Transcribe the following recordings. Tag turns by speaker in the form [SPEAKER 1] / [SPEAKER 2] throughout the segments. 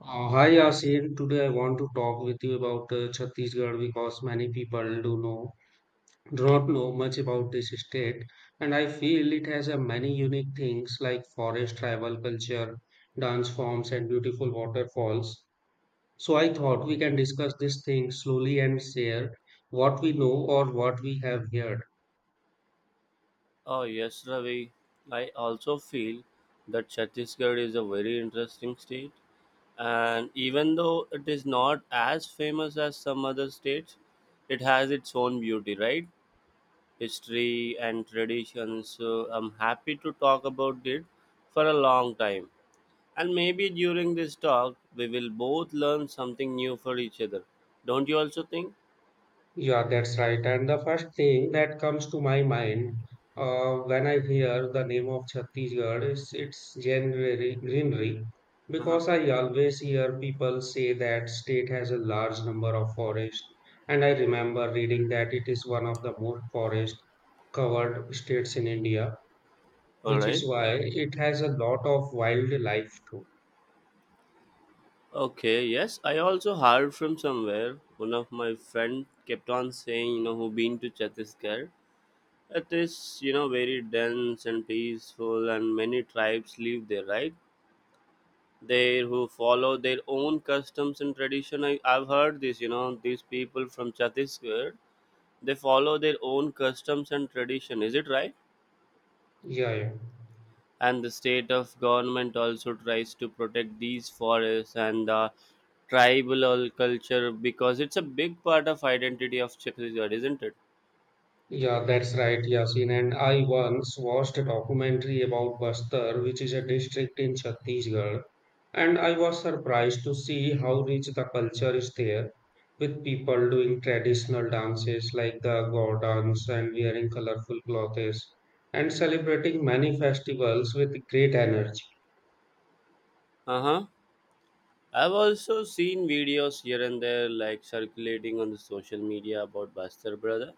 [SPEAKER 1] Hi Yasin, today I want to talk with you about Chhattisgarh because many people do not know much about this state, and I feel it has a many unique things like forest, tribal culture, dance forms, and beautiful waterfalls. So I thought we can discuss these things slowly and share what we know or what we have heard.
[SPEAKER 2] Oh yes, Ravi. I also feel that Chhattisgarh is a very interesting state, and even though it is not as famous as some other states, it has its own beauty, right? History and traditions. So I'm happy to talk about it for a long time, and maybe during this talk we will both learn something new for each other. Don't you also think?
[SPEAKER 1] Yeah, that's right. And the first thing that comes to my mind when I hear the name of Chhattisgarh is its January greenery,
[SPEAKER 2] Uh-huh.
[SPEAKER 1] because I always hear people say that state has a large number of forests, and I remember reading that it is one of the most forest covered states in India,
[SPEAKER 2] All
[SPEAKER 1] which is
[SPEAKER 2] right.
[SPEAKER 1] why it has a lot of wildlife too.
[SPEAKER 2] Okay, yes, I also heard from somewhere. One of my friend kept on saying, you know, who been to Chhattisgarh. It is, you know, very dense and peaceful, and many tribes live there, right? They who follow their own customs and tradition. I've heard this, you know, these people from Chhattisgarh, they follow their own customs and tradition. Is it right?
[SPEAKER 1] Yeah, yeah.
[SPEAKER 2] And the state of government also tries to protect these forests and the culture because it's a big part of identity of Chhattisgarh, isn't it?
[SPEAKER 1] Yeah, that's right, Yasin. And I once watched a documentary about Bastar, which is a district in Chhattisgarh, and I was surprised to see how rich the culture is there, with people doing traditional dances like the Gaudans and wearing colorful clothes and celebrating many festivals with great energy.
[SPEAKER 2] Uh huh. I've also seen videos here and there, like circulating on the social media about Bastar brother.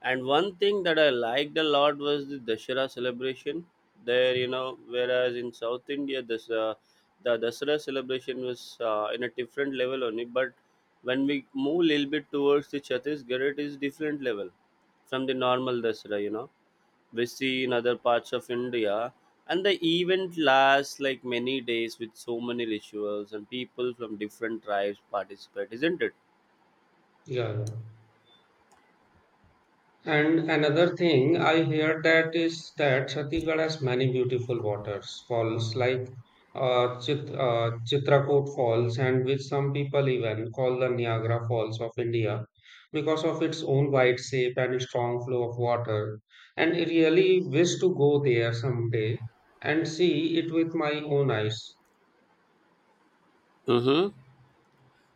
[SPEAKER 2] And one thing that I liked a lot was the Dashera celebration. There, you know, whereas in South India, this the Dasara celebration was, in a different level only. But when we move a little bit towards the Chhattisgarh, it is different level from the normal Dasara. You know, we see in other parts of India, and the event lasts like many days with so many rituals and people from different tribes participate, isn't it?
[SPEAKER 1] Yeah, yeah. And another thing I hear that is that Chhattisgarh has many beautiful waters falls like Chitrakoot Falls, and which some people even call the Niagara Falls of India because of its own wide shape and strong flow of water. And I really wish to go there someday and see it with my own eyes.
[SPEAKER 2] Mm-hmm.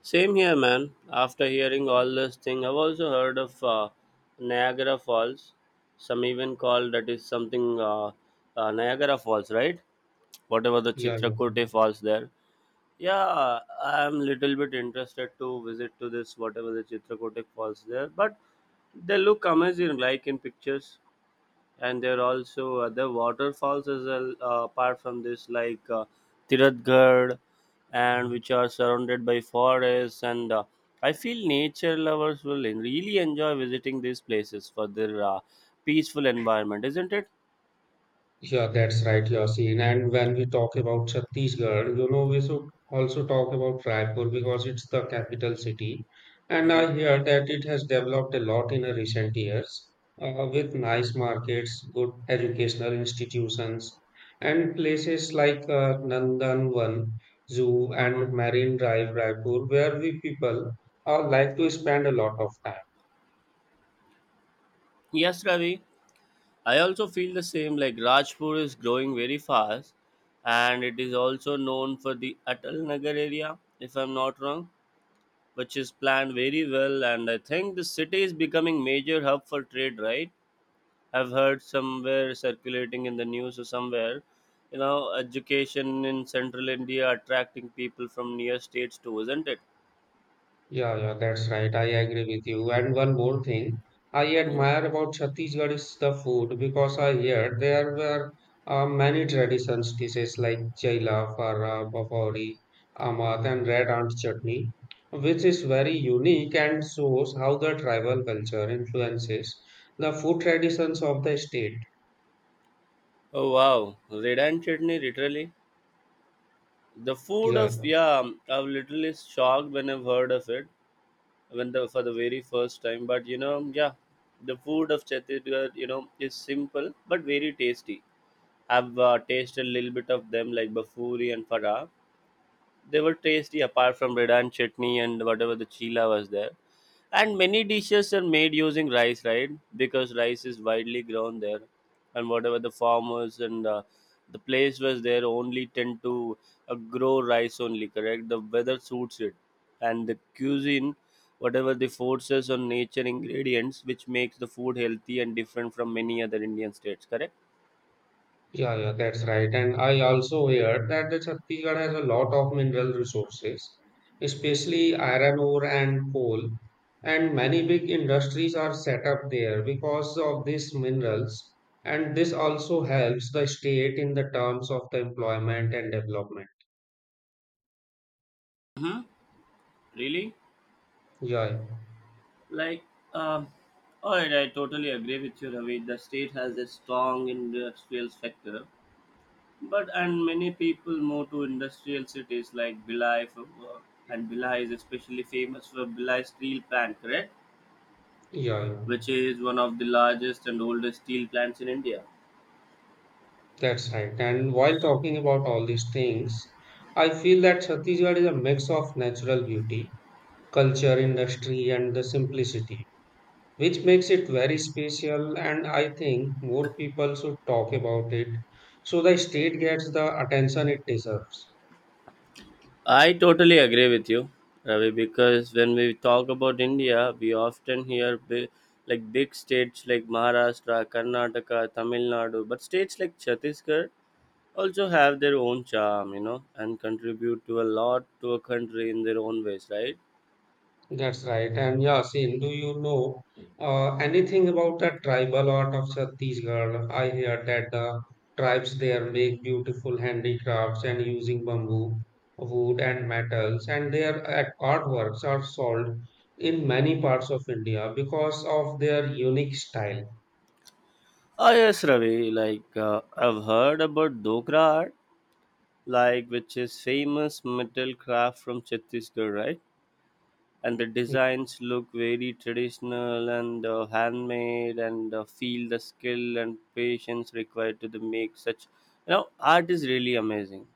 [SPEAKER 2] Same here, man. After hearing all this thing, I've also heard of Niagara Falls. Some even call that is something Niagara Falls, right? Whatever the
[SPEAKER 1] Yeah, yeah.
[SPEAKER 2] Chitrakote Falls there. Yeah, I'm little bit interested to visit to this whatever the Chitrakote Falls there, but they look amazing, like in pictures, and there are also other waterfalls as well, apart from this like Tiratgarh, and which are surrounded by forests and, I feel nature lovers really enjoy visiting these places for their, peaceful environment, isn't it?
[SPEAKER 1] Yeah, that's right, Yasin. And when we talk about Chhattisgarh, you know, we should also talk about Raipur because it's the capital city. And
[SPEAKER 2] Hmm.
[SPEAKER 1] I hear that it has developed a lot in the recent years, with nice markets, good educational institutions, and places like Nandanvan Zoo
[SPEAKER 2] Hmm.
[SPEAKER 1] and Marine Drive, Raipur, where we people like to spend a lot of time.
[SPEAKER 2] Yes, Ravi, I also feel the same. Like Rajpur is growing very fast, and it is also known for the Atal Nagar area, if I'm not wrong, which is planned very well. And I think the city is becoming major hub for trade, right? I've heard somewhere circulating in the news or somewhere, you know, education in central India attracting people from near states too, isn't it?
[SPEAKER 1] Yeah, yeah, that's right. I agree with you. And one more thing I
[SPEAKER 2] Mhm.
[SPEAKER 1] admire about Chhattisgarh is the food because I heard there were many traditions dishes like chaila, fara, papauri, amat, and red ant chutney, which is very unique and shows how the tribal culture influences the food traditions of the state.
[SPEAKER 2] Oh wow, red and chutney literally the food
[SPEAKER 1] Yeah.
[SPEAKER 2] of, yeah, I was literally shocked when I've heard of it when the for the very first time. But you know, yeah, the food of Chhattisgarh, you know, is simple but very tasty. I've tasted a little bit of them, like bafuri and farah. They were tasty, apart from redan chutney and whatever the chila was there. And many dishes are made using rice, right? Because rice is widely grown there, and whatever the farmers and, the place was there only tend to, grow rice only. Correct. The weather suits it, and the cuisine, whatever the forces on nature ingredients, which makes the food healthy and different from many other Indian states. Correct.
[SPEAKER 1] Yeah, yeah, that's right. And I also heard that the Chhattisgarh has a lot of mineral resources, especially iron ore and coal. And many big industries are set up there because of these minerals. And this also helps the state in the terms of the employment and development.
[SPEAKER 2] Hmm. Really.
[SPEAKER 1] Yeah,
[SPEAKER 2] Like, um, all right, I totally agree with you, Ravi. The state has a strong industrial sector, but and many people move to industrial cities like Bilai for work. And Bilai is especially famous for Bilai steel plant, correct?
[SPEAKER 1] yeah, yeah.
[SPEAKER 2] Which is one of the largest and oldest steel plants in India.
[SPEAKER 1] that's right. And while talking about all these things, I feel that Chhattisgarh is a mix of natural beauty, culture, industry, and the simplicity, which makes it very special, and I think more people should talk about it so the state gets the attention it deserves.
[SPEAKER 2] I totally agree with you, Ravi, because when we talk about India, we often hear like big states like Maharashtra, Karnataka, Tamil Nadu, but states like Chhattisgarh also have their own charm, you know, and contribute to a lot to a country in their own ways, right?
[SPEAKER 1] That's right. And yeah Sin, do you know anything about the tribal art of Chhattisgarh? I hear that the tribes there make beautiful handicrafts and using bamboo, wood, and metals, and their artworks are sold in many parts of India because of their unique style.
[SPEAKER 2] Ah, yes, Ravi. Like, I've heard about Dokra art, like which is famous metal craft from Chhattisgarh, right? And the designs look very traditional and, handmade, and, feel the skill and patience required to the make such. You know, art is really amazing.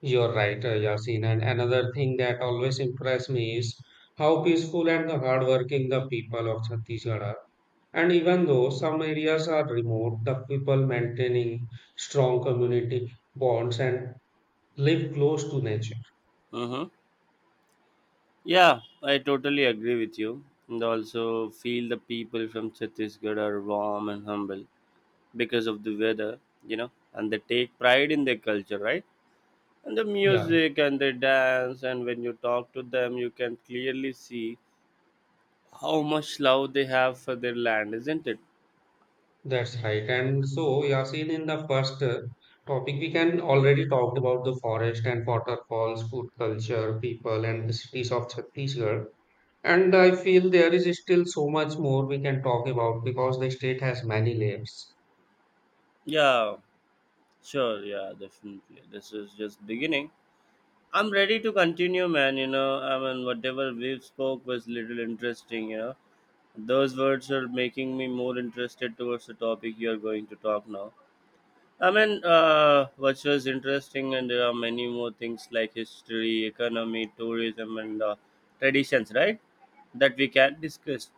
[SPEAKER 1] You're right, Yasin. And another thing that always impressed me is how peaceful and the hardworking the people of Chhattisgarh are. And even though some areas are remote, the people maintaining strong community bonds and live close to nature.
[SPEAKER 2] Mm-hmm. Yeah, I totally agree with you. And also feel the people from Chhattisgarh are warm and humble because of the weather, you know, and they take pride in their culture, right? And the
[SPEAKER 1] Yeah,
[SPEAKER 2] music and the dance, and when you talk to them, you can clearly see how much love they have for their land, isn't it?
[SPEAKER 1] that's right. And so, Yasin, in the first topic, we can already talked about the forest and waterfalls, food culture, people, and the cities of Chhattisgarh. And I feel there is still so much more we can talk about because the state has many layers.
[SPEAKER 2] Yeah, sure, yeah, definitely. This is just beginning. I'm ready to continue, man. Whatever we've spoke was little interesting, you know. Those words are making me more interested towards the topic you are going to talk now. I mean, which was interesting, and there are many more things like history, economy, tourism, and, traditions, right? That we can discuss.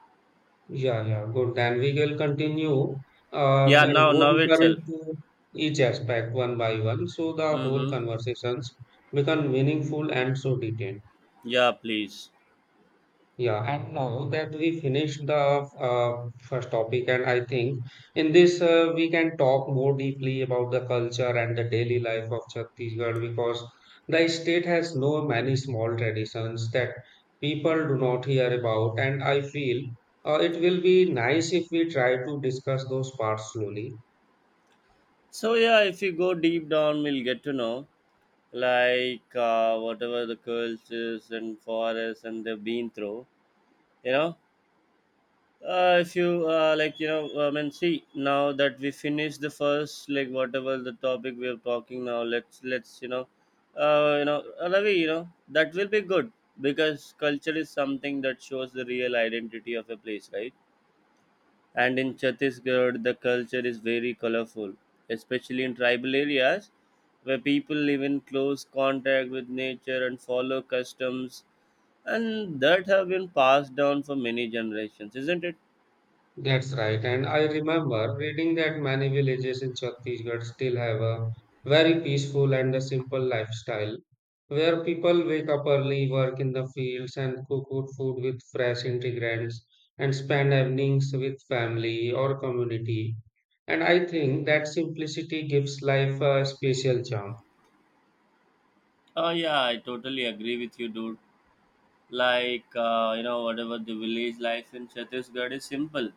[SPEAKER 1] Yeah, yeah, good. Then we will continue
[SPEAKER 2] Yeah,
[SPEAKER 1] and go
[SPEAKER 2] now
[SPEAKER 1] deeper
[SPEAKER 2] itself.
[SPEAKER 1] into each aspect one by one so the whole
[SPEAKER 2] Mm-hmm.
[SPEAKER 1] conversations become meaningful and so detailed.
[SPEAKER 2] Yeah, please.
[SPEAKER 1] Yeah, and now that we finished the first topic, and I think in this we can talk more deeply about the culture and the daily life of Chhattisgarh because the state has no many small traditions that people do not hear about, and I feel it will be nice if we try to discuss those parts slowly.
[SPEAKER 2] So yeah, if you go deep down, we'll get to know like, whatever the cultures and forests and they've been through. You know, if you like you know I mean see now that we finish the first like whatever the topic we are talking now, let's you know, Ravi, you know that will be good, because culture is something that shows the real identity of a place, right? And in Chhattisgarh the culture is very colorful, especially in tribal areas, where people live in close contact with nature and follow customs, and that have been passed down for many generations, isn't it?
[SPEAKER 1] That's right. And I remember reading that many villages in Chhattisgarh still have a very peaceful and a simple lifestyle where people wake up early, work in the fields, and cook good food with fresh ingredients and spend evenings with family or community. And I think that simplicity gives life a special charm.
[SPEAKER 2] Oh yeah, I totally agree with you, dude. Like, you know, whatever the village life in Chhattisgarh is simple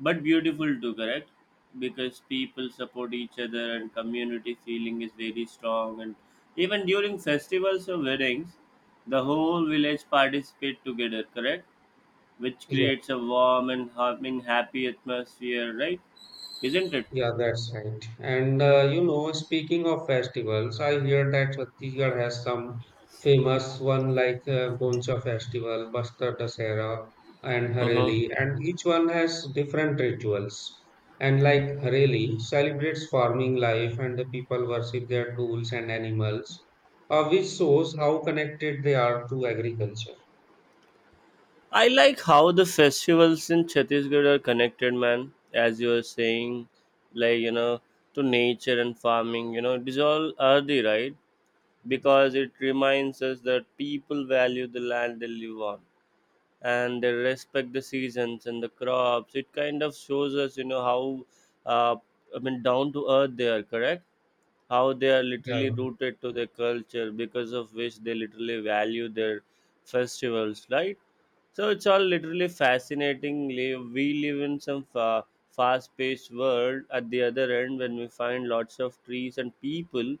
[SPEAKER 2] but beautiful too, correct? Because people support each other and community feeling is very strong. And even during festivals or weddings, the whole village participate together, correct? Which
[SPEAKER 1] Yeah.
[SPEAKER 2] creates a warm and happy atmosphere, right? Isn't it?
[SPEAKER 1] Yeah, that's right. And you know, speaking of festivals, I hear that Chhattisgarh has some famous one like Goncha Festival, Bastar Dasera, and
[SPEAKER 2] Uh huh.
[SPEAKER 1] Hareli, and each one has different rituals. And like Hareli celebrates farming life, and the people worship their tools and animals, which shows how connected they are to agriculture.
[SPEAKER 2] I like how the festivals in Chhattisgarh are connected, man. As you were saying, like you know, to nature and farming. You know, it is all earthy, right? Because it reminds us that people value the land they live on, and they respect the seasons and the crops. It kind of shows us, you know, how, uh, I mean, down to earth they are. Correct? How they are
[SPEAKER 1] Yeah.
[SPEAKER 2] literally
[SPEAKER 1] yeah.
[SPEAKER 2] rooted to their culture, because of which they literally value their festivals, right? So it's all literally fascinating. We live in some fast-paced world. At the other end, when we find lots of trees and people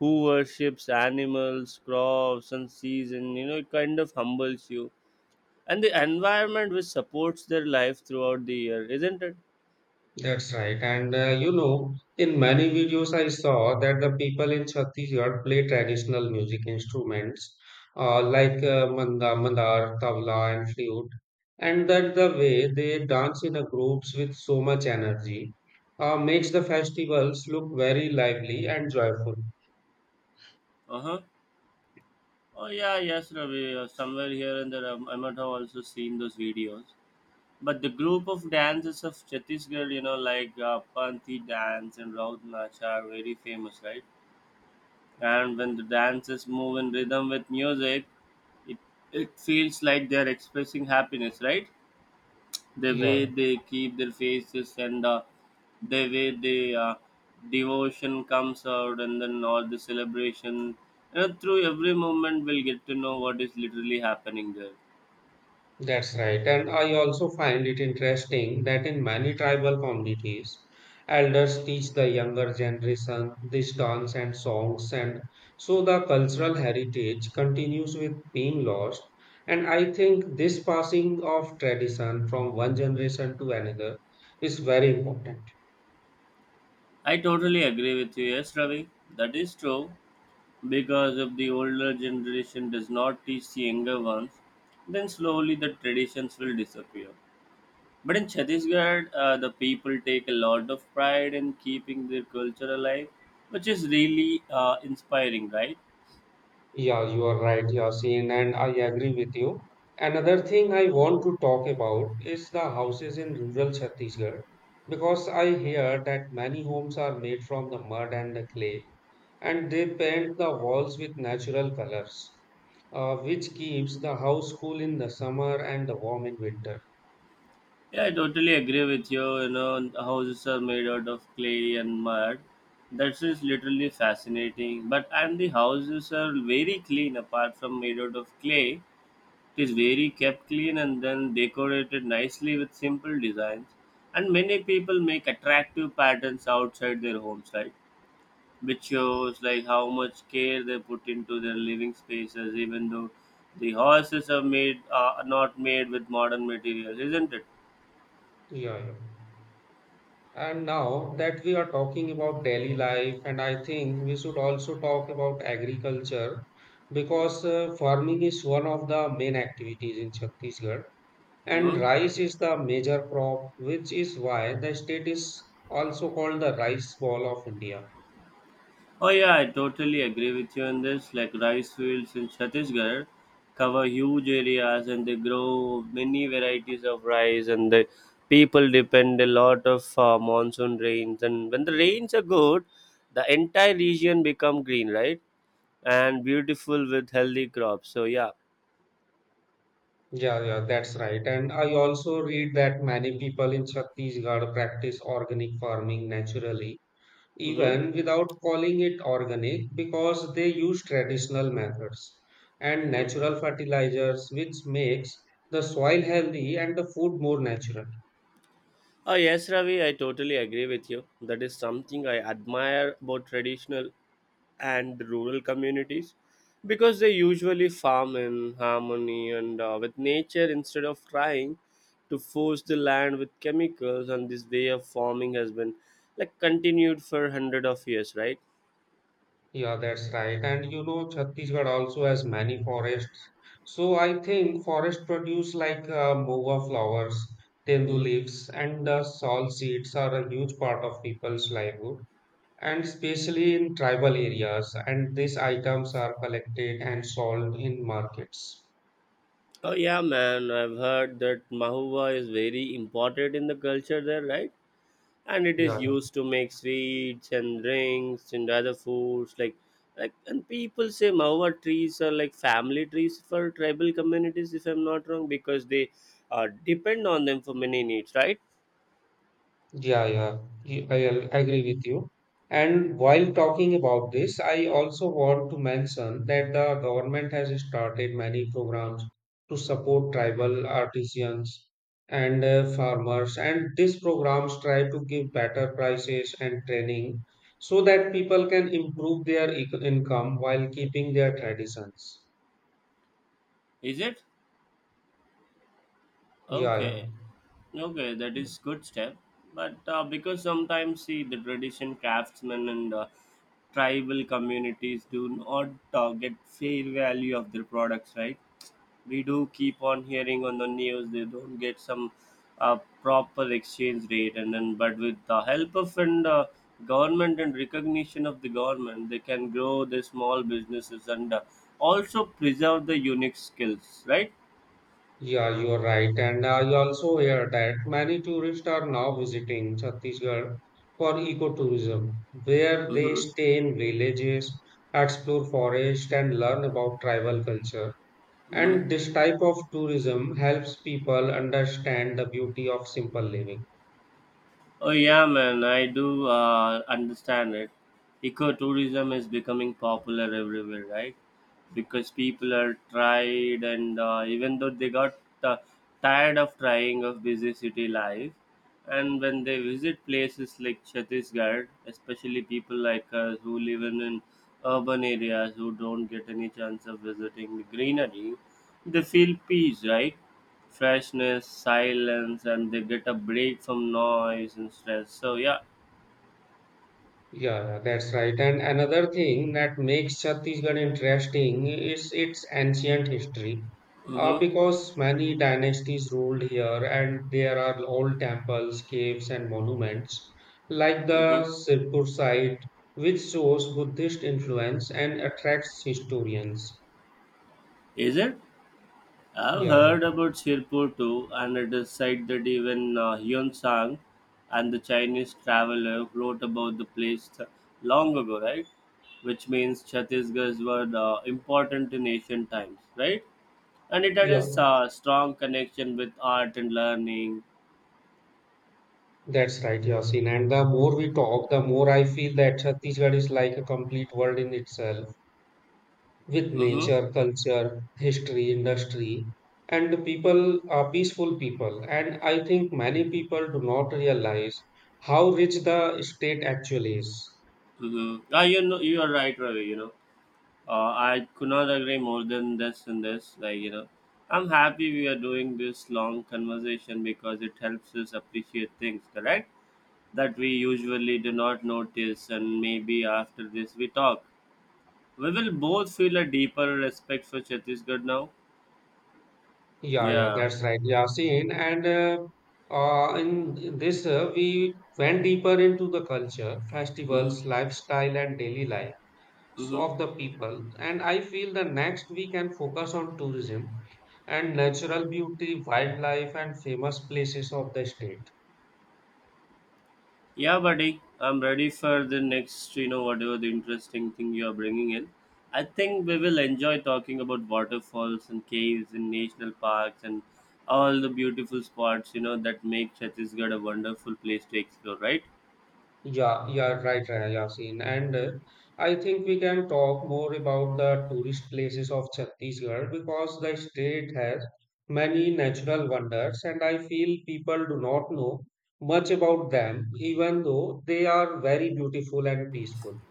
[SPEAKER 2] who worships animals, crops, and season, you know, it kind of humbles you. And the environment which supports their life throughout the year, isn't it?
[SPEAKER 1] That's right. And you know, in many videos I saw that the people in Chhattisgarh play traditional music instruments like manda, mandar, tabla, and flute. And that the way they dance in a groups with so much energy makes the festivals look very lively and joyful.
[SPEAKER 2] Uh huh. Oh yeah, yes, Ravi. Somewhere here and there, I might have also seen those videos. But the group of dances of Chhattisgarh, you know, like, Panthi dance and Raut Nacha are very famous, right? And when the dances move in rhythm with music, it, it feels like they're expressing happiness, right? The
[SPEAKER 1] Yeah,
[SPEAKER 2] way they keep their faces and, the way they, devotion comes out and then all the celebration. You know, through every moment, we'll get to know what is literally happening there.
[SPEAKER 1] that's right. And I also find it interesting that in many tribal communities, elders teach the younger generation this dance and songs, and so the cultural heritage continues with being lost. And I think this passing of tradition from one generation to another is very important.
[SPEAKER 2] I totally agree with you. Yes, Ravi, that is true. Because if the older generation does not teach the younger ones, then slowly the traditions will disappear. But in Chhattisgarh, the people take a lot of pride in keeping their culture alive, which is really, inspiring, right?
[SPEAKER 1] Yeah, you are right, Yasin, and I agree with you. Another thing I want to talk about is the houses in rural Chhattisgarh because I hear that many homes are made from the mud and the clay and they paint the walls with natural colors, which keeps the house cool in the summer and the warm in winter.
[SPEAKER 2] Yeah, I totally agree with you. You know, the houses are made out of clay and mud. That is literally fascinating. But and the houses are very clean apart from made out of clay. It is very kept clean and then decorated nicely with simple designs. And many people make attractive patterns outside their homes, right? Which shows like how much care they put into their living spaces, even though the houses are not made with modern materials, isn't it?
[SPEAKER 1] Yeah, yeah. And now that we are talking about daily life, and I think we should also talk about agriculture because farming is one of the main activities in Chhattisgarh, and
[SPEAKER 2] Mm-hmm.
[SPEAKER 1] rice is the major crop, which is why the state is also called the rice ball of India.
[SPEAKER 2] Oh yeah, I totally agree with you on this. Like rice fields in Chhattisgarh cover huge areas and they grow many varieties of rice, and the people depend a lot of, monsoon rains, and when the rains are good, the entire region become green, right? And beautiful with healthy crops. So yeah.
[SPEAKER 1] Yeah, yeah, that's right. And I also read that many people in Chhattisgarh practice organic farming naturally
[SPEAKER 2] Mm-hmm.
[SPEAKER 1] even without calling it organic because they use traditional methods and
[SPEAKER 2] Mm-hmm.
[SPEAKER 1] natural fertilizers which makes the soil healthy and the food more natural.
[SPEAKER 2] Oh, yes, Ravi, I totally agree with you. That is something I admire about traditional and rural communities, because they usually farm in harmony and, with nature instead of trying to force the land with chemicals. And this way of farming has been like continued for hundred of years, right?
[SPEAKER 1] Yeah, that's right. And you know Chhattisgarh also has many forests, so I think forest produce like mowa flowers, tendu
[SPEAKER 2] Mhm.
[SPEAKER 1] leaves, and salt seeds are a huge part of people's livelihood, and especially in tribal areas, and these items are collected and sold in markets.
[SPEAKER 2] Oh, yeah, man, I've heard that Mahua is very important in the culture there, right? And it
[SPEAKER 1] Yeah,
[SPEAKER 2] is used to make sweets and drinks and other foods like and people say mawa trees are like family trees for tribal communities if I'm not wrong because they depend on them for many needs, right?
[SPEAKER 1] yeah, yeah. Y- I I agree with you. And while talking about this, I also want to mention that the government has started many programs to support tribal artisans and farmers. And these programs try to give better prices and training so that people can improve their income while keeping their traditions.
[SPEAKER 2] Is it?
[SPEAKER 1] Yeah,
[SPEAKER 2] Okay. Okay, that
[SPEAKER 1] yeah.
[SPEAKER 2] is good step. But because sometimes see the tradition craftsmen and tribal communities do not get fair value of their products, right? We do keep on hearing on the news they don't get some proper exchange rate and then but with the help of and government and recognition of the government they can grow the small businesses and also preserve the unique skills, right?
[SPEAKER 1] Yeah, you are right. And I also hear that many tourists are now visiting Chhattisgarh for ecotourism, where they
[SPEAKER 2] Mm-hmm.
[SPEAKER 1] stay in villages, explore forests, and learn about tribal culture.
[SPEAKER 2] Mm-hmm.
[SPEAKER 1] And this type of tourism helps people understand the beauty of simple living.
[SPEAKER 2] Oh yeah, man, I do understand it. Ecotourism is becoming popular everywhere, right? Because people are tried, and even though they got uh, tired of trying of busy city life, and when they visit places like Chhattisgarh, especially people like us who live in urban areas who don't get any chance of visiting the greenery, they feel peace, right? Freshness, silence, and they get a break from noise and stress. So yeah,
[SPEAKER 1] Yeah, yeah, that's right. And another thing that makes Chhattisgarh interesting is its ancient history.
[SPEAKER 2] mm-hmm,
[SPEAKER 1] Because many dynasties ruled here, and there are old temples, caves, and monuments, like the
[SPEAKER 2] mm-hmm.
[SPEAKER 1] Sirpur site, which shows Buddhist influence and attracts historians.
[SPEAKER 2] Is it? I've
[SPEAKER 1] Yeah,
[SPEAKER 2] heard about Sirpur too, and it is said that even Hyun Sang and the Chinese traveler wrote about the place long ago, right? Which means Chhattisgarh were important in ancient times, right? And it had
[SPEAKER 1] yeah,
[SPEAKER 2] a strong connection with art and learning.
[SPEAKER 1] that's right, Yasin. And the more we talk, the more I feel that Chhattisgarh is like a complete world in itself, with
[SPEAKER 2] Mm-hmm,
[SPEAKER 1] nature, culture, history, industry, and the people are peaceful people. And I think many people do not realize how rich the state actually is.
[SPEAKER 2] mm-hmm. Ah, you know, you are right, Ravi. You know. I could not agree more than this and this. Like, you know, I'm happy we are doing this long conversation because it helps us appreciate things, correct? That we usually do not notice, and maybe after this we talk. We will both feel a deeper respect for Chhattisgarh now.
[SPEAKER 1] Yeah, yeah,
[SPEAKER 2] Yeah.
[SPEAKER 1] that's right, Yasin. And in this, we went deeper into the culture,
[SPEAKER 2] Mm-hmm.
[SPEAKER 1] festivals, lifestyle, and daily life so
[SPEAKER 2] Mm-hmm.
[SPEAKER 1] of the people. And I feel the next we can focus on tourism and natural beauty, wildlife, and famous places of the state.
[SPEAKER 2] Yeah, buddy, I'm ready for the next, you know, whatever the interesting thing you are bringing in. I think we will enjoy talking about waterfalls and caves and national parks and all the beautiful spots, you know, that make Chhattisgarh a wonderful place to explore, right?
[SPEAKER 1] Yeah, yeah, right, right, Yasin. And I think we can talk more about the tourist places of Chhattisgarh because the state has many natural wonders, and I feel people do not know much about them, even though they are very beautiful and peaceful.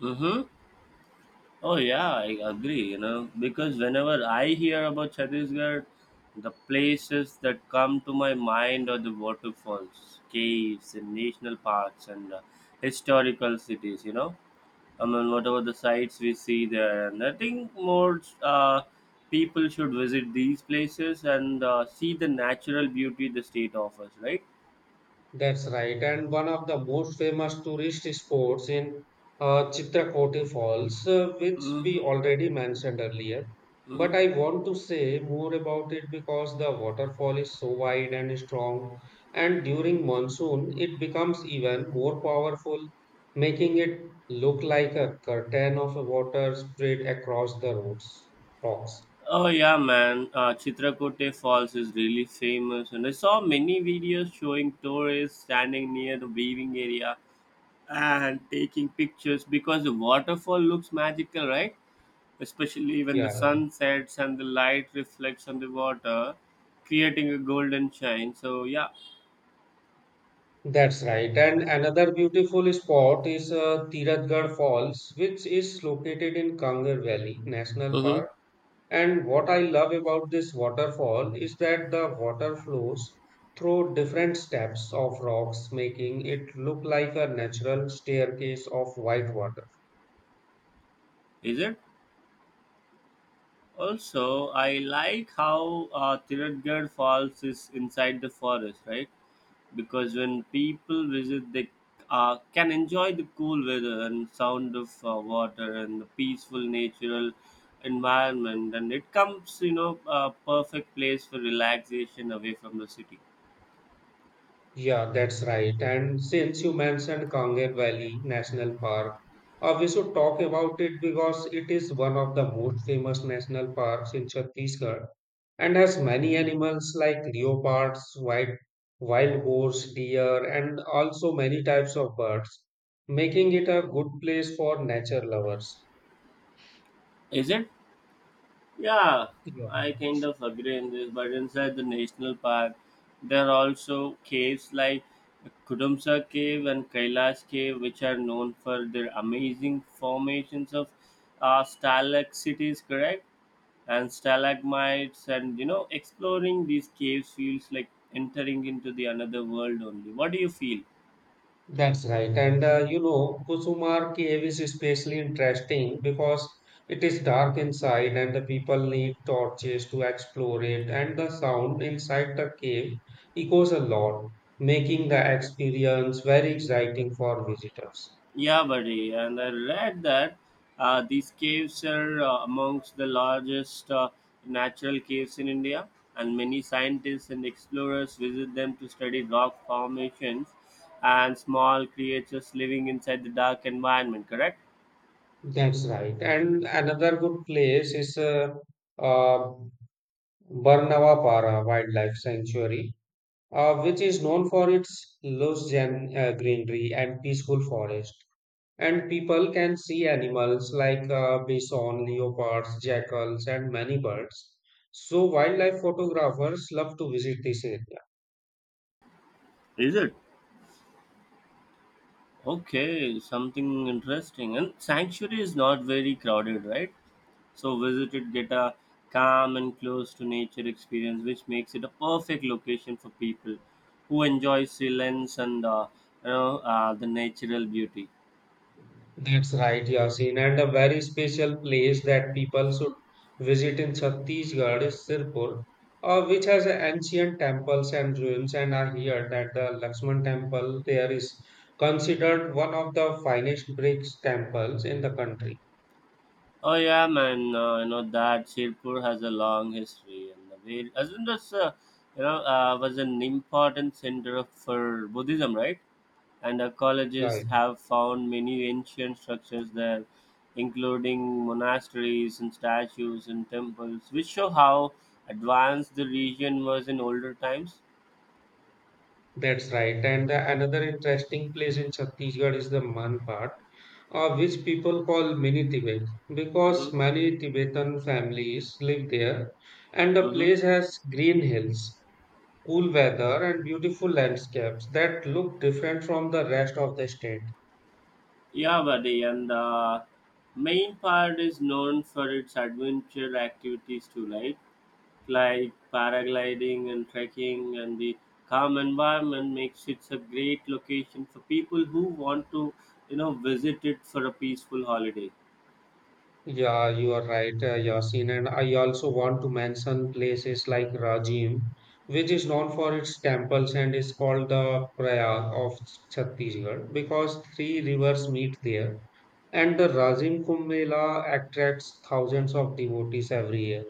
[SPEAKER 2] Mm-hmm. Oh, yeah, I agree, you know, because whenever I hear about Chhattisgarh, the places that come to my mind are the waterfalls, caves, and national parks and historical cities, you know, I mean, whatever the sites we see there, and I think more people should visit these places and see the natural beauty the state offers, right?
[SPEAKER 1] That's right. And one of the most famous tourist spots in Chitrakote Falls, which
[SPEAKER 2] Mm-hmm.
[SPEAKER 1] we already mentioned earlier.
[SPEAKER 2] Mm-hmm.
[SPEAKER 1] But I want to say more about it because the waterfall is so wide and strong, and during monsoon, it becomes even more powerful, making it look like a curtain of water spread across the roads, rocks.
[SPEAKER 2] Oh yeah, man. Chitrakote Falls is really famous, and I saw many videos showing tourists standing near the weaving area and taking pictures because the waterfall looks magical, right? Especially when the
[SPEAKER 1] Yeah.
[SPEAKER 2] sun sets and the light reflects on the water, creating a golden shine. So, yeah,
[SPEAKER 1] That's right. And another beautiful spot is Tiratgarh Falls, which is located in Kangar Valley National
[SPEAKER 2] mm-hmm.
[SPEAKER 1] Park. And what I love about this waterfall is that the water flows through different steps of rocks, making it look like a natural staircase of white water.
[SPEAKER 2] Is it? Also, I like how Tirutgarh Falls is inside the forest, right? Because when people visit, they can enjoy the cool weather and sound of water and the peaceful natural environment, and it comes, you know, a perfect place for relaxation away from the city.
[SPEAKER 1] Yeah, that's right. And since you mentioned Kanger Valley National Park, we should talk about it because it is one of the most famous national parks in Chhattisgarh and has many animals like leopards, white, wild boars, deer, and also many types of birds, making it a good place for nature lovers.
[SPEAKER 2] Is it? Yeah,
[SPEAKER 1] Yeah.
[SPEAKER 2] I kind of agree in this, but inside the national park, there are also caves like Kudumsa Cave and Kailash Cave, which are known for their amazing formations of stalactites, correct? And stalagmites, and you know, exploring these caves feels like entering into the another world only. What do you feel?
[SPEAKER 1] That's right. And you know, Kusumar cave is especially interesting because it is dark inside and the people need torches to explore it. And the sound inside the cave echoes a lot, making the experience very exciting for visitors.
[SPEAKER 2] Yeah, buddy. And I read that these caves are amongst the largest natural caves in India, and many scientists and explorers visit them to study rock formations and small creatures living inside the dark environment, correct?
[SPEAKER 1] That's right. And another good place is uh, Barnavapara Wildlife Sanctuary, which is known for its lush greenery and peaceful forest. And people can see animals like bison, leopards, jackals, and many birds. So, wildlife photographers love to visit this area.
[SPEAKER 2] Is it? Okay, something interesting. And sanctuary is not very crowded, right? So visitors get a calm and close to nature experience, which makes it a perfect location for people who enjoy silence and you know the natural beauty.
[SPEAKER 1] That's right, Yasin. And a very special place that people should visit in Chhattisgarh is Sirpur, which has ancient temples and ruins. And I hear that the Lakshman temple there is considered one of the finest brick temples in the country.
[SPEAKER 2] Oh yeah, man! You know that Sirpur has a long history, and the way isn't this you know was an important center of- for Buddhism, right? And
[SPEAKER 1] Yeah,
[SPEAKER 2] archaeologists have found many ancient structures there, including monasteries and statues and temples, which show how advanced the region was in older times.
[SPEAKER 1] that's right. And the, another interesting place in Chhattisgarh is the Man part, which people call mini Tibet
[SPEAKER 2] Hmm.
[SPEAKER 1] because many Tibetan families live there. And the
[SPEAKER 2] Hmm.
[SPEAKER 1] place has green hills, cool weather, and beautiful landscapes that look different from the rest of the state.
[SPEAKER 2] Yeah, buddy, and the main part is known for its adventure activities too, right? Like paragliding and trekking, and the calm environment makes it a great location for people who want to, you know, visit it for a peaceful holiday.
[SPEAKER 1] Yeah, you are right, Yasin. And I also want to mention places like Rajim, which is known for its temples and is called the Prayag of Chhattisgarh because three rivers meet there. And the Rajim Kumbh Mela attracts thousands of devotees every year.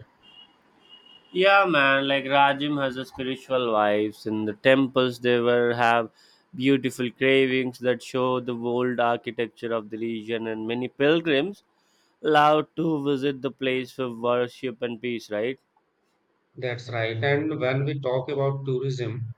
[SPEAKER 2] Yeah, man. Like Rajim has a spiritual vibes in the temples. They were have beautiful carvings that show the old architecture of the region, and many pilgrims allowed to visit the place for worship and peace. Right?
[SPEAKER 1] That's right. And when we talk about tourism,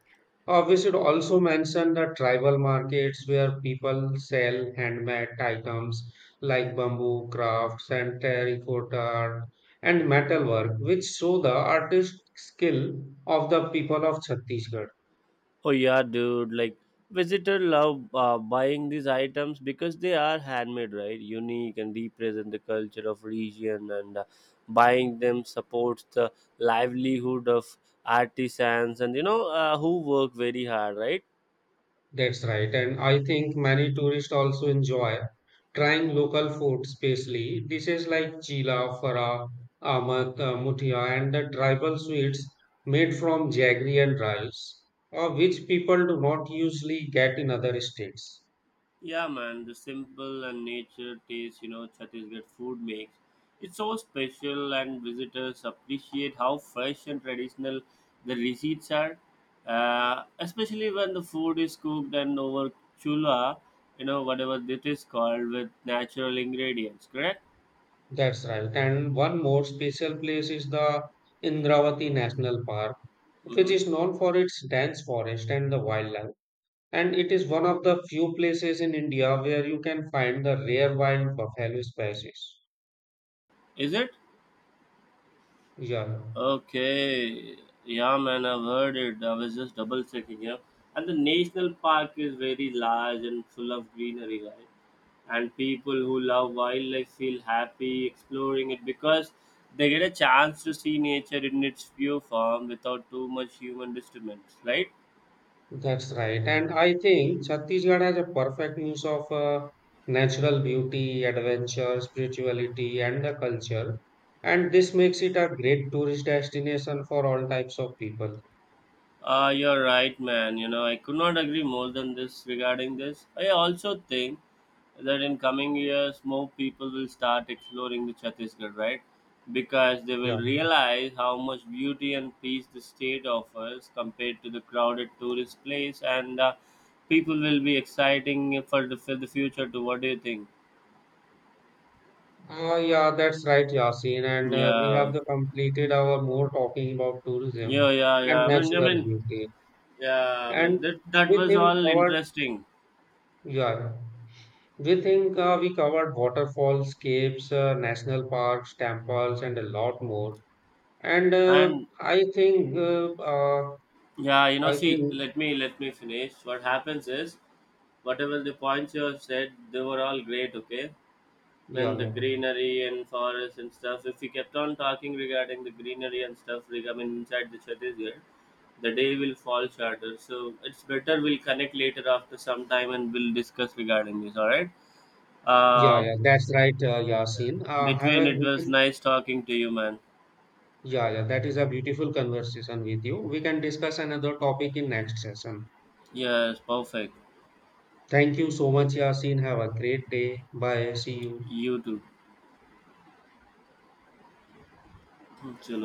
[SPEAKER 1] We should also mention the tribal markets where people sell handmade items like bamboo crafts and terracotta art and metalwork, which show the artistic skill of the people of Chhattisgarh.
[SPEAKER 2] Oh yeah, dude. Like visitor love buying these items because they are handmade, right? Unique and represent the culture of region. And buying them supports the livelihood of artisans and you know who work very hard, right?
[SPEAKER 1] That's right. And I think many tourists also enjoy trying local food, especially dishes like chila, fara, amat, muthia, and the tribal sweets made from jaggery and rice, which people do not usually get in other states.
[SPEAKER 2] Yeah, man, the simple and nature taste, you know, Chhattisgarh food makes. It's so special, and visitors appreciate how fresh and traditional the receipts are, especially when the food is cooked and over chula, you know, whatever it is called, with natural ingredients, correct?
[SPEAKER 1] That's right. And one more special place is the Indravati National Park, which
[SPEAKER 2] Mm-hmm.
[SPEAKER 1] is known for its dense forest and the wildlife. And it is one of the few places in India where you can find the rare wild buffalo species.
[SPEAKER 2] Is it?
[SPEAKER 1] Yeah,
[SPEAKER 2] Okay. Yeah, man, I've heard it. I was just double checking, yeah. And the national park is very large and full of greenery, right? And people who love wildlife feel happy exploring it because they get a chance to see nature in its pure form without too much human disturbance, right?
[SPEAKER 1] that's right. And I think Chhattisgarh has a perfect mix of natural beauty, adventure, spirituality, and the culture. And this makes it a great tourist destination for all types of people.
[SPEAKER 2] You're right, man. You know, I could not agree more than this regarding this. I also think that in coming years, more people will start exploring the Chhattisgarh, right? Because they
[SPEAKER 1] Yeah.
[SPEAKER 2] will realize how much beauty and peace the state offers compared to the crowded tourist place, and people will be exciting for the future too. What do you think?
[SPEAKER 1] Yeah, that's right, Yasin. And we
[SPEAKER 2] Yeah,
[SPEAKER 1] have the completed our more talking about tourism
[SPEAKER 2] yeah, yeah, yeah.
[SPEAKER 1] and
[SPEAKER 2] I mean, I
[SPEAKER 1] natural
[SPEAKER 2] mean,
[SPEAKER 1] beauty.
[SPEAKER 2] yeah. I mean,
[SPEAKER 1] And
[SPEAKER 2] that
[SPEAKER 1] we
[SPEAKER 2] was
[SPEAKER 1] think
[SPEAKER 2] all
[SPEAKER 1] our.
[SPEAKER 2] interesting,
[SPEAKER 1] Yeah. We think we covered waterfalls, caves, national parks, temples, and a lot more. And
[SPEAKER 2] and
[SPEAKER 1] I think, uh, uh,
[SPEAKER 2] yeah, you know,
[SPEAKER 1] I think,
[SPEAKER 2] see, let me finish. What happens is, whatever the points you have said, they were all great. Okay,
[SPEAKER 1] yeah,
[SPEAKER 2] when the
[SPEAKER 1] yeah,
[SPEAKER 2] greenery and forest and stuff. If we kept on talking regarding the greenery and stuff, like, I mean, inside the Chhattisgarh, the day will fall shorter. So it's better we'll connect later after some time and we'll discuss regarding this. All right.
[SPEAKER 1] yeah,
[SPEAKER 2] Uh,
[SPEAKER 1] yeah, that's right, Yasin. Have
[SPEAKER 2] between
[SPEAKER 1] a
[SPEAKER 2] it was
[SPEAKER 1] beautiful,
[SPEAKER 2] nice talking to you, man.
[SPEAKER 1] yeah, yeah, that is a beautiful conversation with you. We can discuss another topic in next session.
[SPEAKER 2] Yes, perfect.
[SPEAKER 1] Thank you so much, Yasin. Have a great day. Bye. See you.
[SPEAKER 2] You too. Okay.